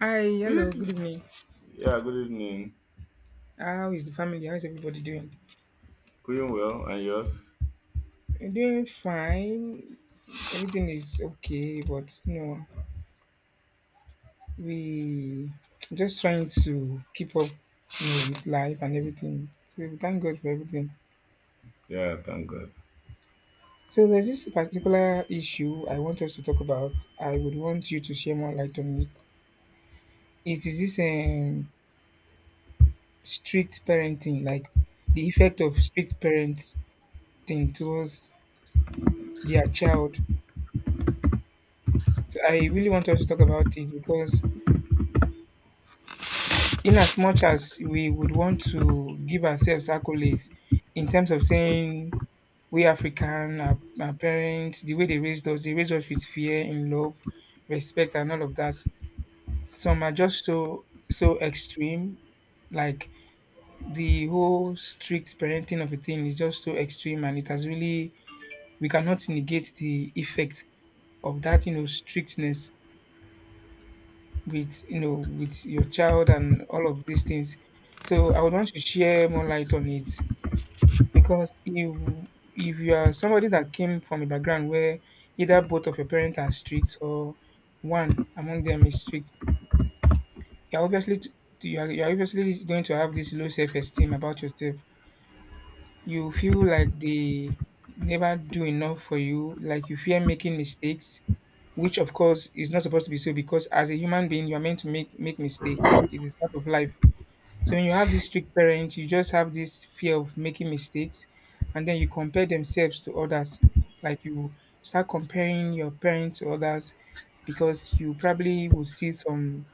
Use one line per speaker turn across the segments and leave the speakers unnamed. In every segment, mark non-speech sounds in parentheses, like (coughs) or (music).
Hi,
Good
hello, good
evening.
evening.
Yeah, good evening.
How is the family? How is everybody doing?
Doing well, and yours?
We're doing fine. Everything is okay, but you know, we just trying to keep up you know, with life and everything. So we thank God for everything.
Yeah, thank God.
So there's this particular issue I want us to talk about. I would want you to share more light on it. It is this strict parenting, like the effect of strict parenting towards their child. So I really want us to talk about it because in as much as we would want to give ourselves accolades in terms of saying we African, our parents, the way they raised us with fear and love, respect, and all of that. Some are just so extreme, like the whole strict parenting of a thing is just so extreme, and it has really we cannot negate the effect of that, you know, strictness with you know with your child and all of these things. So I would want to share more light on it because if you are somebody that came from a background where either both of your parents are strict or one among them is strict, you're obviously t- you are obviously going to have this low self esteem about yourself. You feel like they never do enough for you, like you fear making mistakes, which of course is not supposed to be so because as a human being you are meant to make mistakes. It is part of life. So when you have this strict parent, you just have this fear of making mistakes, and then you compare themselves to others. Like you start comparing your parents to others because you probably will see some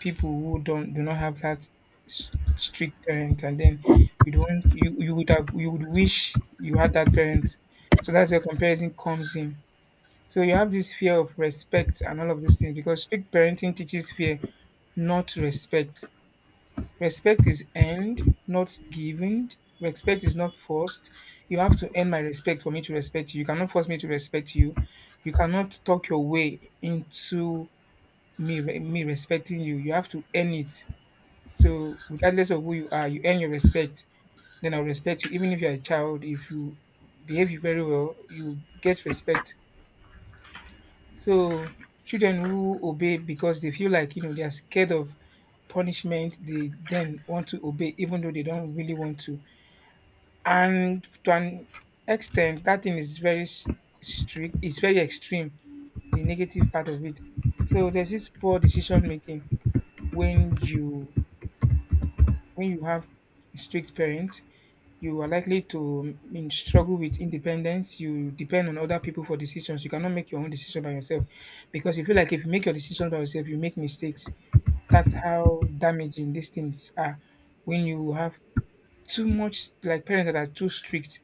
people who don't do not have that strict parent, and then you don't you you would have you would wish you had that parent. So that's where comparison comes in. So you have this fear of respect and all of those things because strict parenting teaches fear, not respect. Respect is earned, not given. Respect is not forced. You have to earn my respect for me to respect you. You cannot force me to respect you. You cannot talk your way into me respecting you. You have to earn it. So regardless of who you are, you earn your respect. Then I'll respect you. Even if you're a child, if you behave very well, you get respect. So children who obey because they feel like you know they are scared of punishment, they then want to obey even though they don't really want to. And to an extent, that thing is very strict, it's very extreme, the negative part of it. So there's this poor decision making when you when you have strict parents you are likely to struggle with independence. You depend on other people for decisions. You cannot make your own decision by yourself because you feel like if you make your decision by yourself, you make mistakes. That's how damaging these things are when you have too much, like parents that are too strict.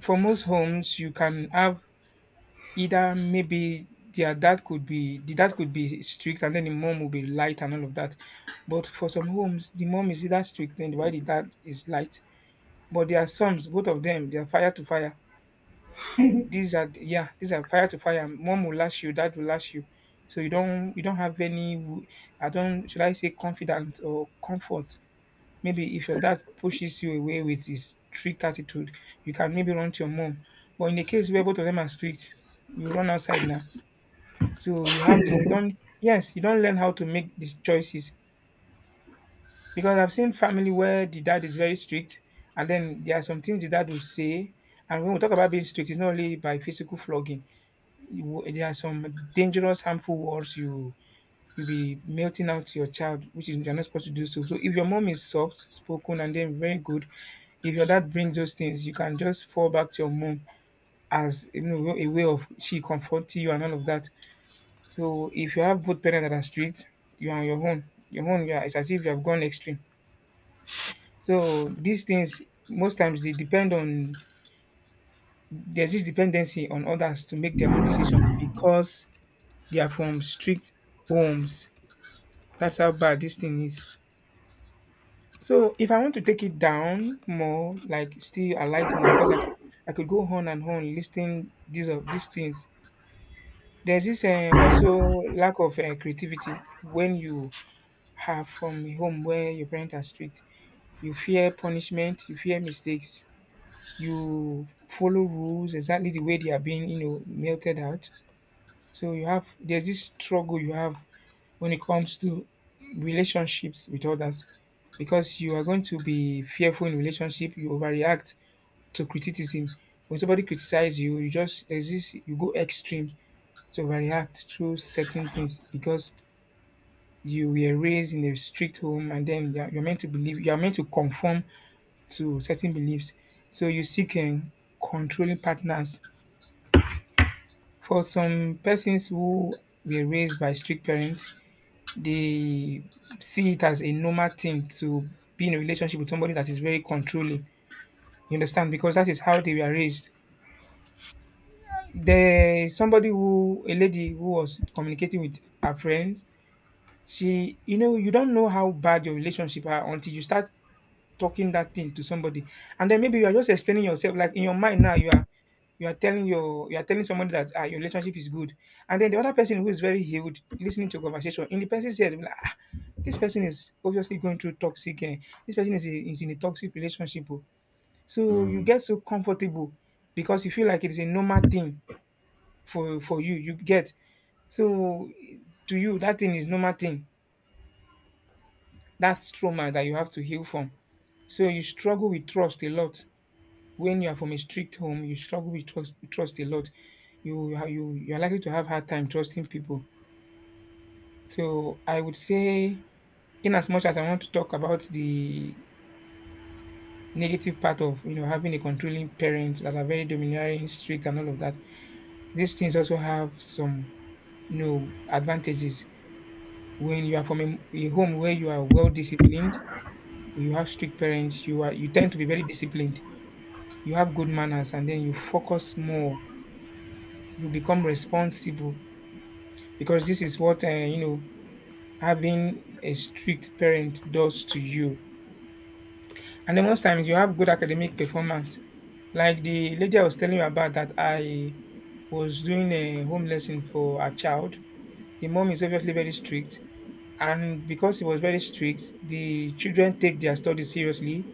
For most homes, you can have either maybe the dad could be strict and then the mom will be light and all of that. But for some homes, the mom is either strict and why the dad is light. But there are songs, both of them, they are fire to fire. These are yeah, these are fire to fire. One will lash you, that will lash you. So you don't have any I don't should I say confidence or comfort. Maybe if your dad pushes you away with his strict attitude, you can maybe run to your mom. But in the case where both of them are strict, you run outside now. So you have the, you don't yes, you don't learn how to make these choices. Because I've seen family where the dad is very strict, and then there are some things the dad will say. And when we talk about being strict, it's not only by physical flogging. There are some dangerous, harmful words you be melting out to your child, which is you're not supposed to do so. So if your mom is soft spoken and then very good, if your dad brings those things, you can just fall back to your mom as you know a way of she comforting you and all of that. So if you have both parents that are strict, you're on your own. Your own, yeah, it's as if you have gone extreme. So these things most times they depend on there's this dependency on others to make their own decision because they are from strict homes. That's how bad this thing is. So if I want to take it down more, like still I light more because I could go on and on listing these of these things. There's this also lack of creativity when you have from a home where your parents are strict. You fear punishment, you fear mistakes, you follow rules exactly the way they are being, you know, melted out. So you have there's this struggle you have when it comes to relationships with others because you are going to be fearful in relationship, you overreact to criticism. When somebody criticizes you, you just there's this you go extreme to overreact through certain things because you were raised in a strict home and then you're meant to believe you're meant to conform to certain beliefs. So you seek controlling partners. For some persons who were raised by strict parents, they see it as a normal thing to be in a relationship with somebody that is very controlling. You understand? Because that is how they were raised. There is somebody who, a lady who was communicating with her friends. She, you know, you don't know how bad your relationship are until you start talking that thing to somebody and then maybe you are just explaining yourself like in your mind now you are telling you are telling somebody that ah, your relationship is good and then the other person who is very healed listening to your conversation in the person's ears be like ah, this person is obviously going through toxic eh, this person is, a, is in a toxic relationship oh." So you
Mm.
get so comfortable because you feel like it is a normal thing for you you get so to you that thing is normal thing. That's trauma that you have to heal from. So you struggle with trust a lot. When you are from a strict home, you struggle with trust, trust a lot. You are likely to have hard time trusting people. So I would say, in as much as I want to talk about the negative part of you know having a controlling parent that are very domineering, strict, and all of that, these things also have some you know advantages. When you are from a home where you are well disciplined, you have strict parents, you tend to be very disciplined, you have good manners, and then you focus more. You become responsible because this is what you know having a strict parent does to you. And then most times you have good academic performance. Like the lady I was telling you about that I was doing a home lesson for a child. The mom is obviously very strict. And because it was very strict, the children take their studies seriously.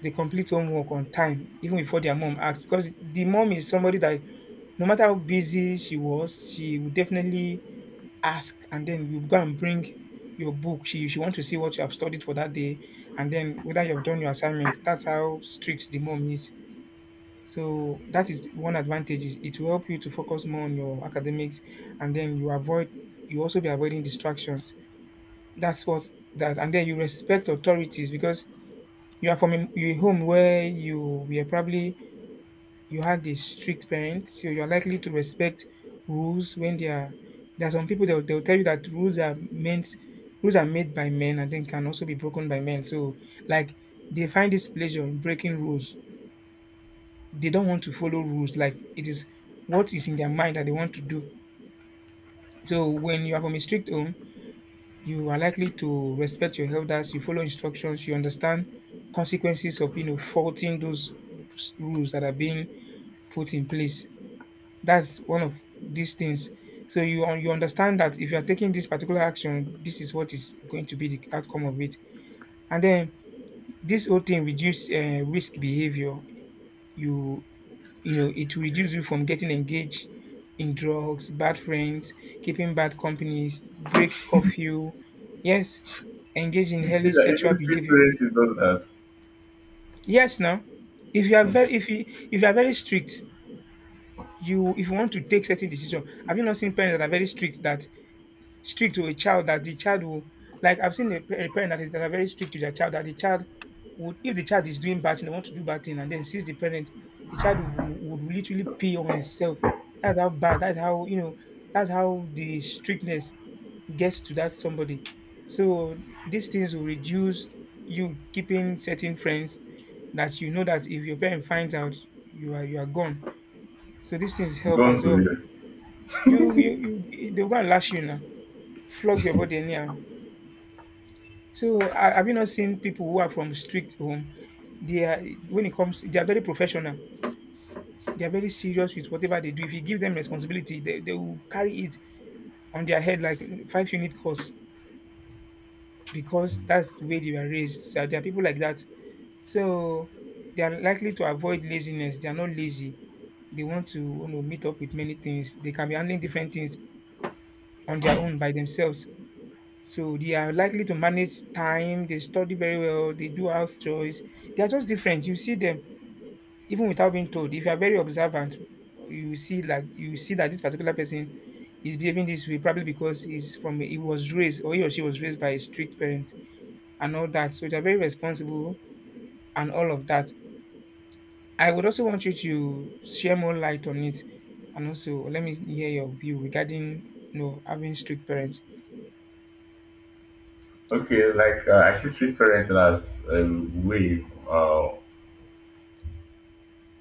They complete homework on time, even before their mom asks. Because the mom is somebody that no matter how busy she was, she would definitely ask and then you go and bring your book. She want to see what you have studied for that day and then whether you have done your assignment. That's how strict the mom is. So that is one advantage is it will help you to focus more on your academics and then you also be avoiding distractions. That's what that and then you respect authorities because you are from a home where you were probably you had a strict parent, so you're likely to respect rules when they are. There are some people they'll tell you that rules are meant, rules are made by men and then can also be broken by men. So like they find this pleasure in breaking rules. They don't want to follow rules. Like it is what is in their mind that they want to do. So when you are from a strict home, you are likely to respect your elders. You follow instructions. You understand consequences of you know faulting those rules that are being put in place. That's one of these things. So you understand that if you are taking this particular action, this is what is going to be the outcome of it. And then this whole thing reduce risk behavior. You you know it will reduce you from getting engaged in drugs, bad friends, keeping bad companies, break curfew. Yes, engage in
You feel
healthy
like even
sexual
street
behavior.
parenting does that.
Yes, now if you are very if you if you are very strict, you if you want to take certain decision, have you not seen parents that are very strict that strict to a child that the child will like I've seen a parent that are very strict to their child that the child would if the child is doing bad thing, they want to do bad thing and then sees the parent, the child would literally pay on itself. That's how bad. That's how you know. That's how the strictness gets to that somebody. So these things will reduce you keeping certain friends that you know that if your parent finds out, you are gone. So these things help
Gone
as
to
well.
here.
You they're gonna lash you now, flog your body anyhow. So have you not seen people who are from strict home? They are when it comes, they are very professional. They are very serious with whatever they do. If you give them responsibility, they will carry it on their head like five unit course because that's the way they were raised. So there are people like that. So they are likely to avoid laziness. They are not lazy. They want to meet up with many things. They can be handling different things on their own by themselves. So they are likely to manage time, they study very well, they do house chores. They are just different. You see them even without being told. If you are very observant, you will see that this particular person is behaving this way probably because he was raised or he or she was raised by a strict parent and all that. So they are very responsible and all of that. I would also want you to share more light on it and also let me hear your view regarding having strict parents.
Okay, like I see street parenting as a way, uh,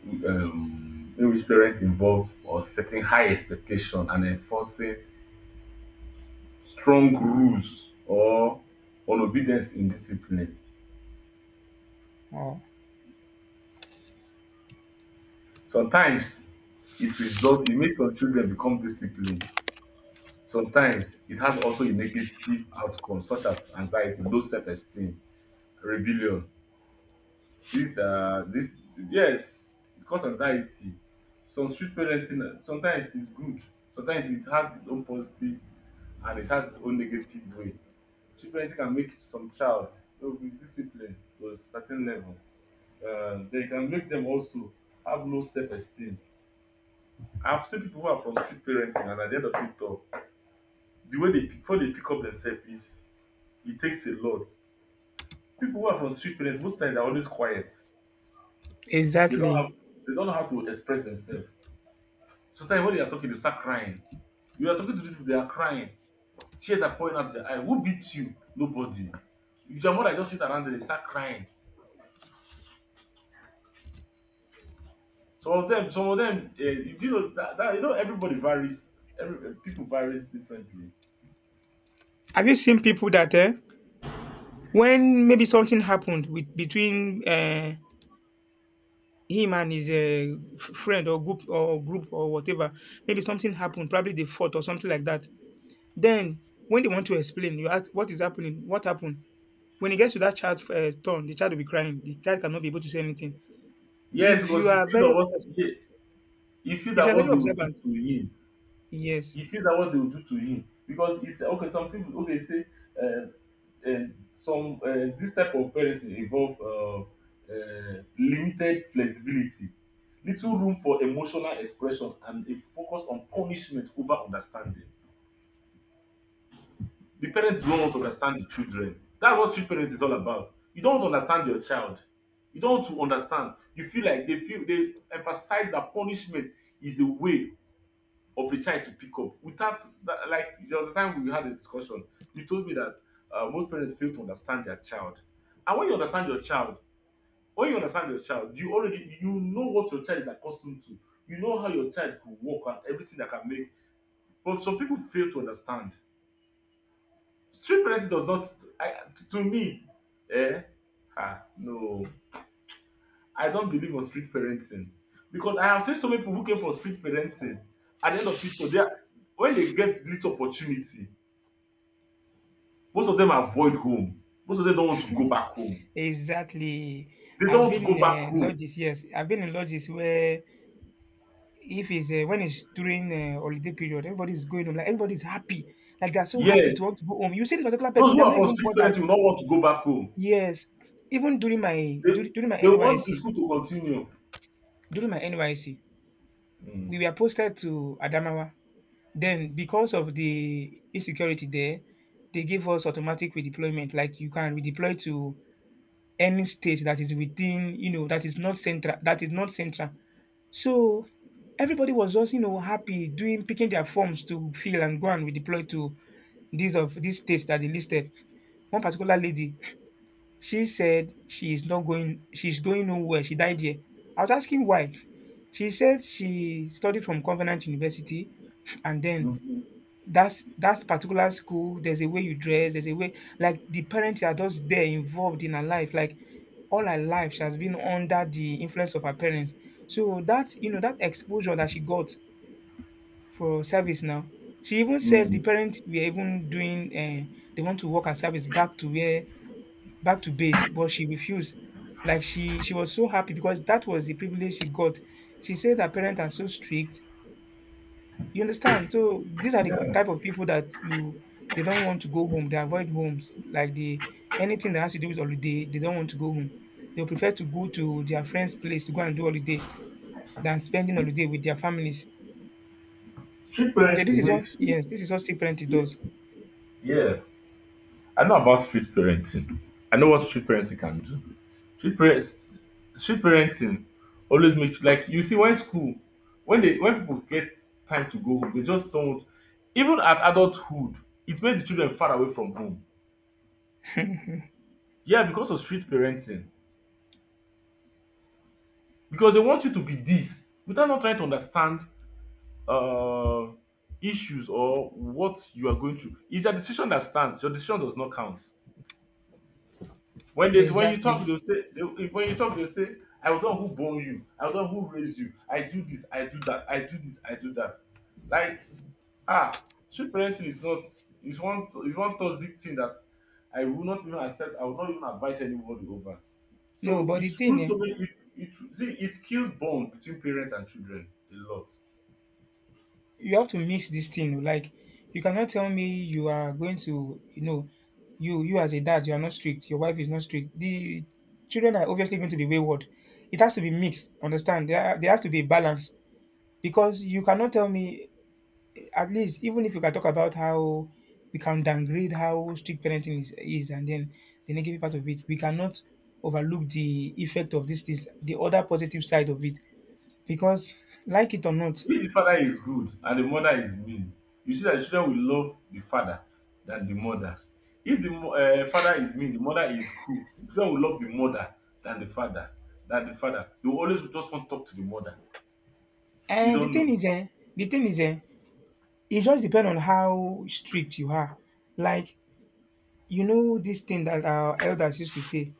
um, in which parents involve or setting high expectation and enforcing strong rules or on obedience in discipline.
Oh,
Sometimes it makes some children become disciplined. Sometimes it has also a negative outcome, such as anxiety, low self-esteem, rebellion. This, uh, this, yes, it causes anxiety. Some street parenting sometimes is good, sometimes it has its own positive and it has its own negative way. Street parenting can make some child to be disciplined to a certain level. They can make them also have low self-esteem. I've seen people who are from street parenting, and at the end of it all, the way they pick- before they pick up themselves is it takes a lot. People who are from street parents, most times they're always quiet. They don't
exactly.
have they don't know how to express themselves. Sometimes when they are talking, they start crying. You are talking to people, they are crying. Tears are pouring out their eye. Who beats you? Nobody. If your mother just sit around there, they start crying. Some of them, you do know that you know everybody varies. People varies differently.
Have you seen people that eh, when maybe something happened with between him and his friend or group or whatever, maybe something happened, probably they fought or something like that. Then when they want to explain, you ask what is happening, what happened. When it gets to that child's turn, the child will be crying. The child cannot be able to say anything.
Yes,
If you
because he
are
feels that
very,
he feels
if you
that
are
what
very
they will do
observant,
to him.
yes,
He feels that what they will do to him because he said, okay, some people okay say uh, uh, some this type of parenting involve limited flexibility, little room for emotional expression and a focus on punishment over understanding. The parents don't want to understand the children. That's what street parents is all about. You don't want to understand your child. You don't want to understand You feel like they feel they emphasize that punishment is a way of a child to pick up without that. Like, there was a time we had a discussion. You told me that most parents fail to understand their child, and when you understand your child, you already you know what your child is accustomed to. You know how your child could walk and everything that can make, but some people fail to understand. Street parenting does not. I, to me, eh no, I don't believe on street parenting, because I have seen so many people who came from street parenting. At the end of it all, they are, when they get little opportunity. Most of them avoid home. Most of them don't want to go back home.
exactly.
They don't
I've
want
been
to go back
in
home.
lodges, yes, I've been in lodges where if it's when it's during holiday period, everybody's going home. Like everybody's happy. Like they're so happy to want
Yes.
to go home. You see this particular
Those
person,
who
they're
are
not
from
even
strict
bothered.
parenting will not want to go back home.
Yes, even
They
during my
they want the
NYC,
school to continue.
during my NYC,
Mm.
we were posted to Adamawa. Then because of the insecurity there, they gave us automatic redeployment. Like you can redeploy to any state that is within, you know, that is not central. So everybody was just, you know, happy doing picking their forms to fill and go and redeploy to these states that they listed. One particular lady, she said she is not going, she's going nowhere. She died here. I was asking why. She said she studied from Covenant University and then
Mhm.
that's that particular school, there's a way you dress, there's a way like the parents are just there involved in her life. Like all her life, she has been under the influence of her parents. So that you know that exposure that she got for service now, she even said the
Mm.
parents were even doing. They want to work at service back to base, but she refused. Like she was so happy because that was the privilege she got. She said her parents are so strict you understand? So these are the
Yeah.
type of people that you they don't want to go home. They avoid homes. Like the anything that has to do with holiday, they don't want to go home. They prefer to go to their friend's place to go and do holiday than spending holiday with their families.
Strict
Yeah, this
parenting
is what
makes.
yes, this is what still parenting
Yeah.
does.
Yeah. I know about street parenting. I know what street parenting can do. Street parents street parenting always makes, like, you see when school, when people get time to go home, they just don't, even at adulthood, it makes the children far away from home. Yeah, because of strict parenting. Because they want you to be this without not trying to understand uh, issues or what you are going through. It's your decision that stands. Your decision does not count. When you
Exactly.
talk, they'll say, they, if when you talk, they'll say, I was the one who born you, I was the one who raised you, I do this, I do that, I do this, I do that. Like, strict parenting is not, is one toxic thing that I will not even accept, I will not even advise anybody over.
No,
So
but
it
the thing,
rules
eh,
so many. It kills bond between parents and children a lot.
you have to mix this thing. Oh, like you cannot tell me you are going to, you know, you as a dad, you are not strict. Your wife is not strict. The children are obviously going to be wayward. It has to be mixed. Understand? There has to be a balance because you cannot tell me at least even if you can talk about how we can downgrade how strict parenting is and then the negative part of it, we cannot overlook the effect of this things, the other positive side of it because like it or not
If the father is good and the mother is mean, you see that the children will love the father than the mother. If the father is mean, the mother is cool. The children will love the mother than the father. Than the father, they will always just want to talk to the mother. You
and the
don't
thing
know.
is eh, the thing is eh, it just depends on how strict you are. Like you know this thing that our elders used to say,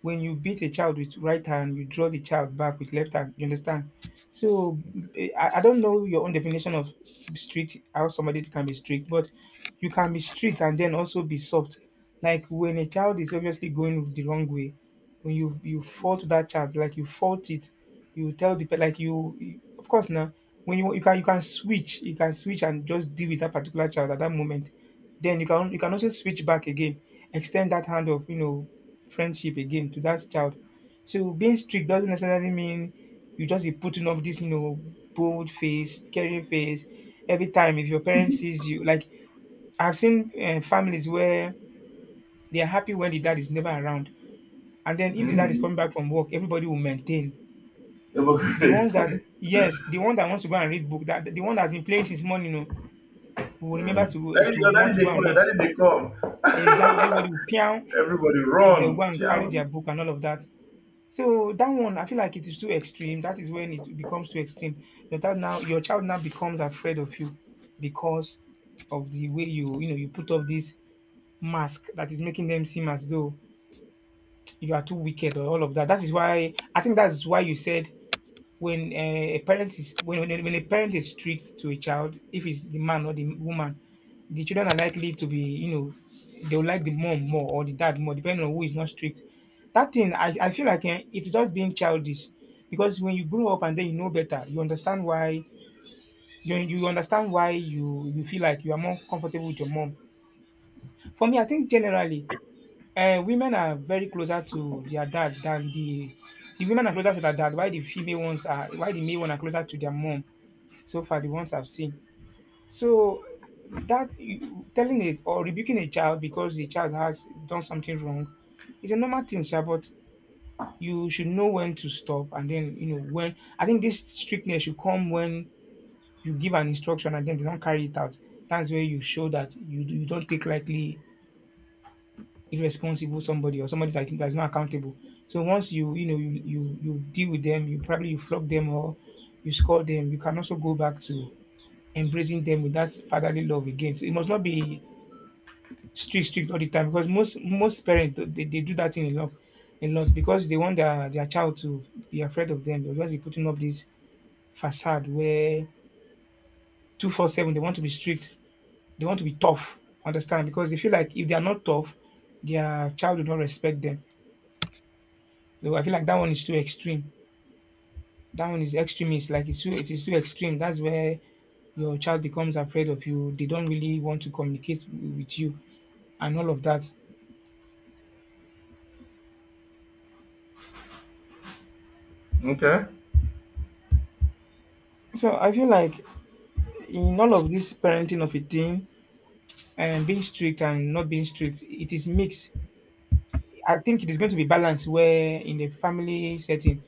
when you beat a child with right hand, you draw the child back with left hand. You understand? So eh, I don't know your own definition of strict, how somebody can be strict, but you can be strict and then also be soft. Like when a child is obviously going the wrong way, when you fault that child, like you fault it, you tell the pe- like you- of course now when you can you can switch and just deal with that particular child at that moment. Then you can also switch back again, extend that hand of friendship again to that child. So being strict doesn't necessarily mean you just be putting up this bold face, caring face every time if your parents sees you. Like I've seen families where they are happy when the dad is never around, and then if the dad is coming
Mm.
back from work, everybody will maintain. The ones that
Hypocrite.
yes, the one that wants to go and read book, that the one that's been playing since morning, you know, will remember
Mm.
to
That is your daddy.
want to
They
go and
come. Your
read.
daddy. They come.
Exactly, everybody will piang.
Everybody
So they'll go
run.
and carry
Ciao.
their book and all of that. So that one, I feel like it is too extreme. That is when it becomes too extreme. Your child now becomes afraid of you because of the way you, you know, you put up this mask that is making them seem as though you are too wicked or all of that. That is why I think that's why you said when a parent is strict to a child, if it's the man or the woman, the children are likely to be you know they will like the mom more or the dad more, depending on who is not strict. That thing I feel like eh, it's just being childish because when you grow up and then you know better, you understand why you feel like you are more comfortable with your mom. For me, I think generally, women are very closer to their dad than the women are closer to their dad. Why the female ones are why the male one are closer to their mom so far the ones I've seen. So that you- telling it or rebuking a child because the child has done something wrong is a normal thing, sha, but you should know when to stop and then you know when I think this strictness should come when you give an instruction and then they don't carry it out. That's where you show that you don't take lightly irresponsible somebody or somebody that that's not accountable. So once you you know you you you deal with them, you probably you flog them or you scold them, you can also go back to embracing them with that fatherly love again. So it must not be strict, strict all the time because most parents they do that thing a lot because they want their child to be afraid of them. They'll just be putting up this facade where 24/7 they want to be strict, they want to be tough. Understand? Because they feel like if they are not tough, their child will not respect them. So I feel like that one is too extreme. That one is extremist. Like it is too extreme. That's where your child becomes afraid of you. They don't really want to communicate with you and all of that.
Okay.
So I feel like in all of this parenting of a teen and being strict and not being strict, it is mixed. I think it is going to be balanced where in a family setting,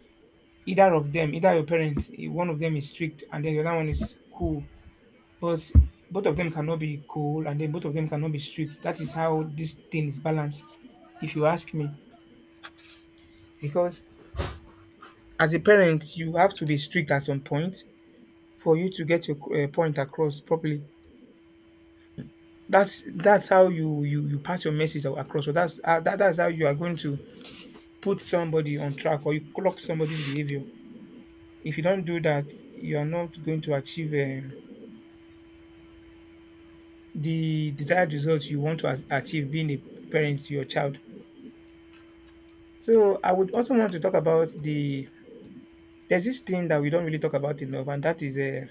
either of them, either your parents, one of them is strict and then the other one is cool. But both of them cannot be cool and then both of them cannot be strict. That is how this thing is balanced, if you ask me. Because as a parent, you have to be strict at some point for you to get your point across properly. That's how you pass your message across. So that's that's how you are going to put somebody on track or you clock somebody's behavior. If you don't do that, you are not going to achieve the desired results you want to achieve being a parent to your child. So I would also want to talk about there's this thing that we don't really talk about enough, and that is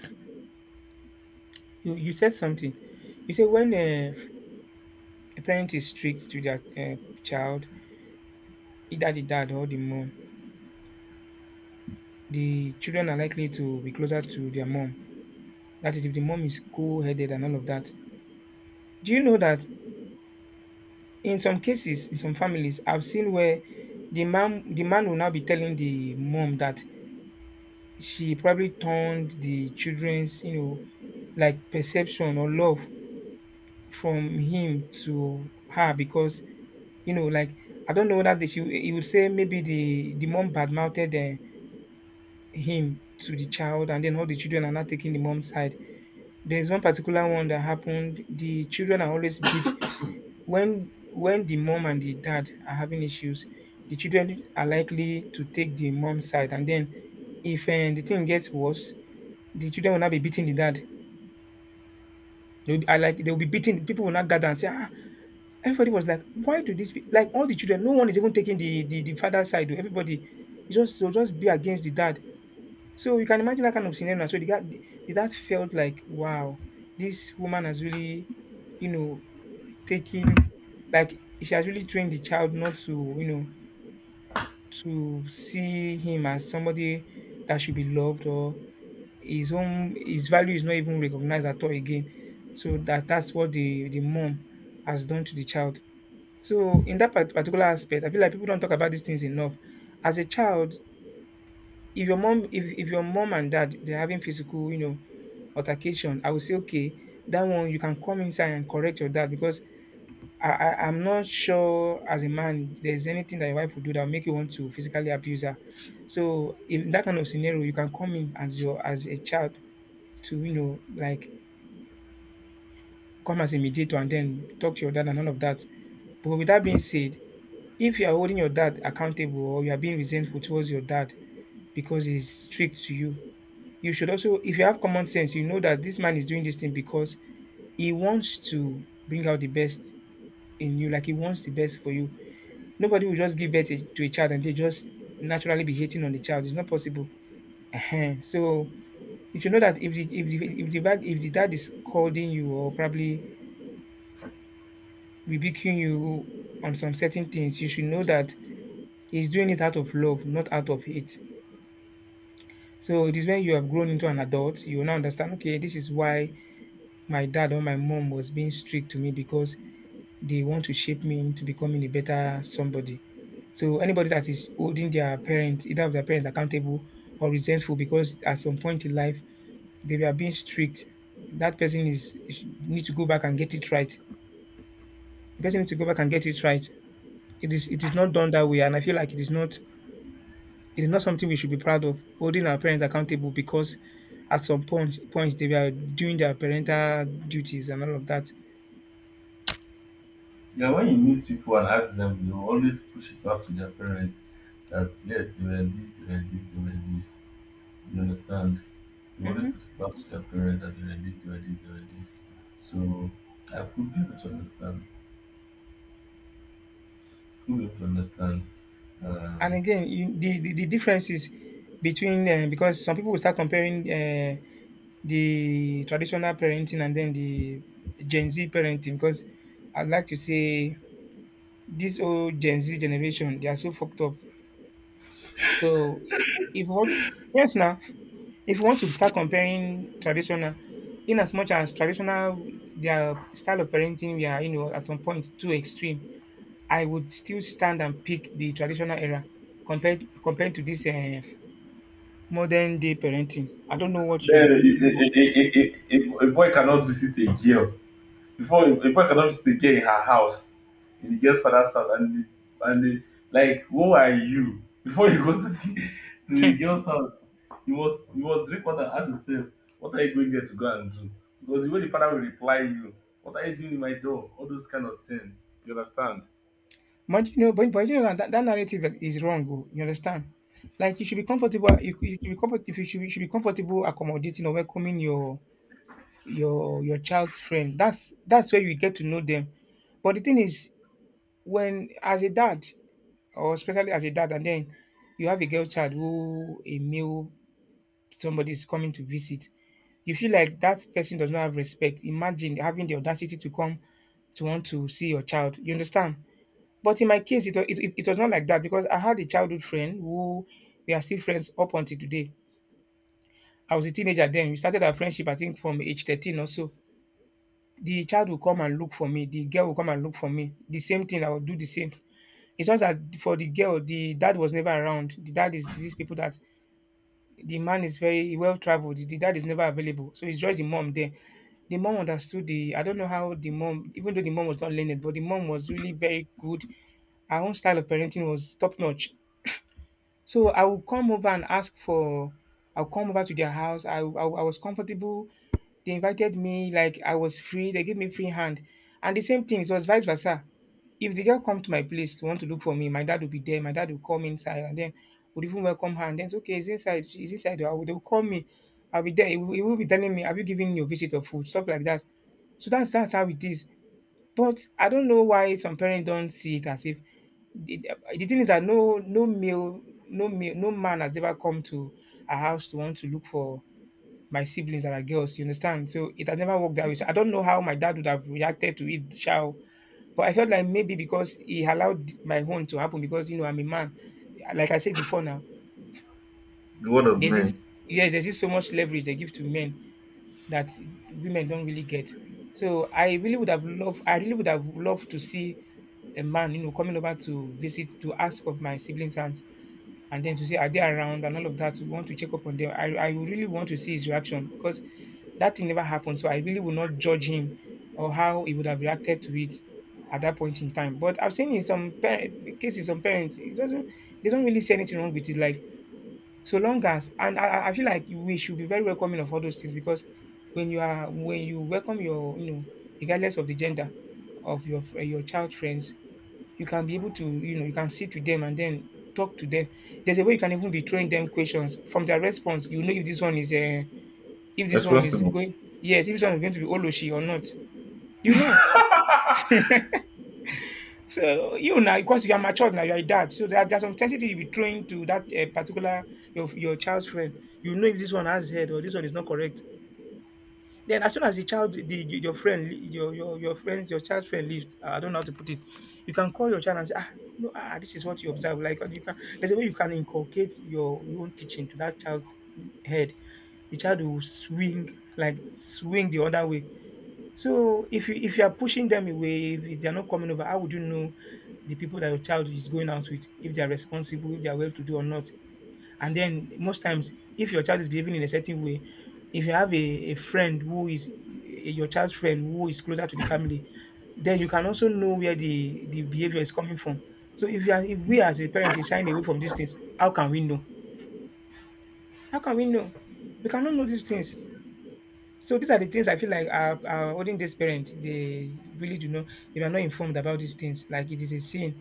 you said something. You say when a parent is strict to their child, either the dad or the mom, the children are likely to be closer to their mom. That is, if the mom is cool headed and all of that. Do you know that in some cases, in some families, I've seen where the man will now be telling the mom that she probably turned the children's, you know, like perception or love from him to her because you know, like I don't know whether they should he would say maybe the mom bad mouthed him to the child and then all the children are not taking the mom's side. There's one particular one that happened. The children are always beat (coughs) when the mom and the dad are having issues. The children are likely to take the mom's side, and then if the thing gets worse, the children will not be beating the dad. They will be, I like they will be beating. People will not gather and say, ah, everybody was like, why do this? Be? Like all the children, no one is even taking the father's side. Oh, everybody, it just they'll just be against the dad. So you can imagine that kind of scenario. So the dad felt like, wow, this woman has really, you know, taking, like she has really trained the child not to, you know, to see him as somebody that should be loved or his own, his value is not even recognized at all again. So that's what the mom has done to the child. So in that particular aspect, I feel like people don't talk about these things enough. As a child, if your mom and dad they're having physical, you know, altercation, I would say okay, that one you can come inside and correct your dad because I'm not sure as a man there's anything that your wife will do that will make you want to physically abuse her. So in that kind of scenario, you can come in as your as a child to, you know, like come as a mediator and then talk to your dad and all of that. But with that being said, if you are holding your dad accountable or you are being resentful towards your dad because he's strict to you, you should also, if you have common sense, you know that this man is doing this thing because he wants to bring out the best in you, like he wants the best for you. Nobody will just give birth to a child and they just naturally be hating on the child. It's not possible. Ehen. So if you know that if the if the if the dad is scolding you or probably rebuking you on some certain things, you should know that he's doing it out of love, not out of hate. So it is when you have grown into an adult, you will now understand, okay, this is why my dad or my mom was being strict to me because they want to shape me into becoming a better somebody. So anybody that is holding their parents, either of their parents accountable or resentful because at some point in life they were being strict, that person need to go back and get it right. The person needs to go back and get it right. It is not done that way, and I feel like it is not something we should be proud of holding our parents accountable because at some point they were doing their parental duties and all of that.
Yeah, when you meet people and ask them, they will always push it back to their parents that, yes, they were this, they were this, they were this. You understand? They always
Mhm.
push it back to their parents that they were this, they were this, they were this. So I could be able to understand. Could be able to understand.
And
Um,
again, you, the difference is between because some people will start comparing the traditional parenting and then the Gen Z parenting because I'd like to say this old Gen Z generation they are so fucked up. So if you want, yes now, if you want to start comparing traditional, in as much as traditional, their style of parenting we are, you know, at some point too extreme, I would still stand and pick the traditional era compared to this. Modern day parenting. I don't know what
then,
you
a,
you
a, a, a, a a boy cannot visit a girl. Before, a boy cannot visit a girl in her house, in the girl's father's house, and the, like, who are you? Before you go to the (laughs) to the girl's house, you must drink water and ask yourself, what are you going there to go and do? Because the way the father will reply you, what are you doing in my door? All those kind of things. You understand?
but you know that, that narrative is wrong oh, you understand? Like you should be you should be comfortable you should be comfortable accommodating or welcoming your your child's friend. That's where you get to know them. But the thing is when, as a dad, or especially as a dad, and then you have a girl child who a male somebody is coming to visit, you feel like that person does not have respect. Imagine having the audacity to come to want to see your child. You understand? But in my case, it, wa- it was not like that because I had a childhood friend who we are still friends up until today. I was a teenager then. We started our friendship, I think, from age 13 or so. The child will come and look for me. The girl will come and look for me. The same thing, I will do the same. It's not that for the girl, the dad was never around. The dad is these people that the man is very well traveled. The dad is never available. So it's just the mom there. The mom understood the, I don't know how the mom, even though the mom was not learned, but the mom was really very good. Her own style of parenting was top notch. So I would come over and ask for, I'll come over to their house. I was comfortable, they invited me, like I was free, they gave me free hand, and the same thing, it was vice versa. If the girl come to my place to want to look for me, my dad will be there, my dad will come inside and then would even welcome her and then okay it's inside, she's inside, they will call me. I'll be there, he will be telling me, have you given your visitor food, stuff like that. So that's how it is. But I don't know why some parents don't see it as if the, the thing is that no man has ever come to a house to want to look for my siblings that are girls. You understand? So it has never worked that way. So I don't know how my dad would have reacted to it, shall. But I felt like maybe because he allowed my own to happen because you know I'm a man. Like I said before, now
The word of man.
there's this so much leverage they give to men that women don't really get. So I really would have loved to see a man, you know, coming over to visit to ask of my siblings' hands and then to say, are they around? And all of that. We want to check up on them. I would really want to see his reaction because that thing never happened. So I really would not judge him or how he would have reacted to it at that point in time. But I've seen in some cases, some parents, it doesn't, they don't really see anything wrong with it. Like, so long as, and I feel like we should be very welcoming of all those things because when you welcome your regardless of the gender of your your child friends, you can be able to, you can sit with them and then talk to them. There's a way you can even be throwing them questions. From their response, you know if this one is if this one is
Responsible.
going yes, if this one is going to be Oloshi or not. You know. So you now because you are matured now, you are a dad. So there's some tendency you be throwing to that particular your child's friend. You know if this one has head or this one is not correct. Then as soon as the child, the your friend, lea- your friends, your child's friend leaves, I don't know how to put it. You can call your child and say, ah, no, ah, this is what you observe. Like, and you can there's a way you can inculcate your own teaching to that child's head. The child will swing the other way. So if you are pushing them away, if they are not coming over, how would you know the people that your child is going out with, if they are responsible, if they are well to do or not? And then most times, if your child is behaving in a certain way, if you have a friend who is your child's friend who is closer to the family, then you can also know where the behavior is coming from. So if you are, if we as a parent is shying away from these things, how can we know? How can we know? We cannot know these things. So these are the things I feel like are holding these parents. They really do know they are not informed about these things. Like it is a sin.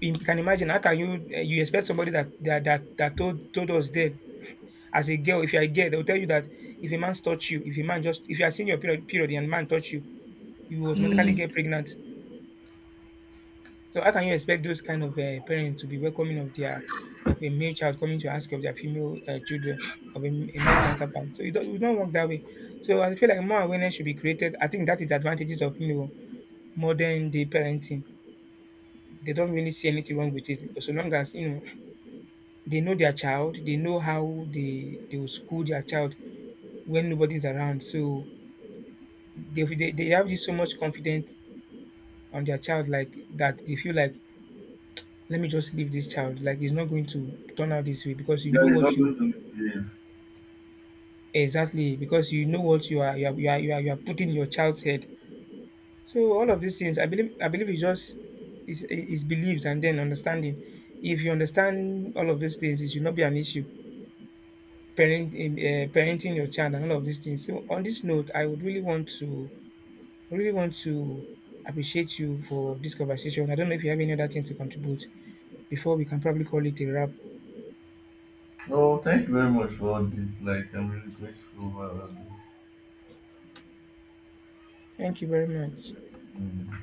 You can imagine how can you you expect somebody that told us then. As a girl, if you're a girl, they'll tell you that if a man touch you, if a man just if you are seeing your period and man touch you, you will automatically
Mm.
get pregnant. So how can you expect those kind of parents to be welcoming of their of a male child coming to ask of their female children of a male counterpart? So it don't work that way. So I feel like more awareness should be created. I think that is the advantages of, you know, modern day parenting. They don't really see anything wrong with it so long as you know they know their child, they know how they will school their child when nobody's around. So they have this so much confidence on their child like that they feel like let me just leave this child, like it's not going to turn out this way because you
Yeah,
know
you're
what
not
you
going to behave.
exactly, because you know what you are putting in your child's head. So all of these things, I believe it's just is beliefs and then understanding. If you understand all of these things, it should not be an issue parent in, parenting your child and all of these things. So on this note, I really want to appreciate you for this conversation. I don't know if you have any other thing to contribute before we can probably call it a wrap.
Oh, thank you very much for all this. Like, I'm really grateful for all this.
Thank you very much.
Mm.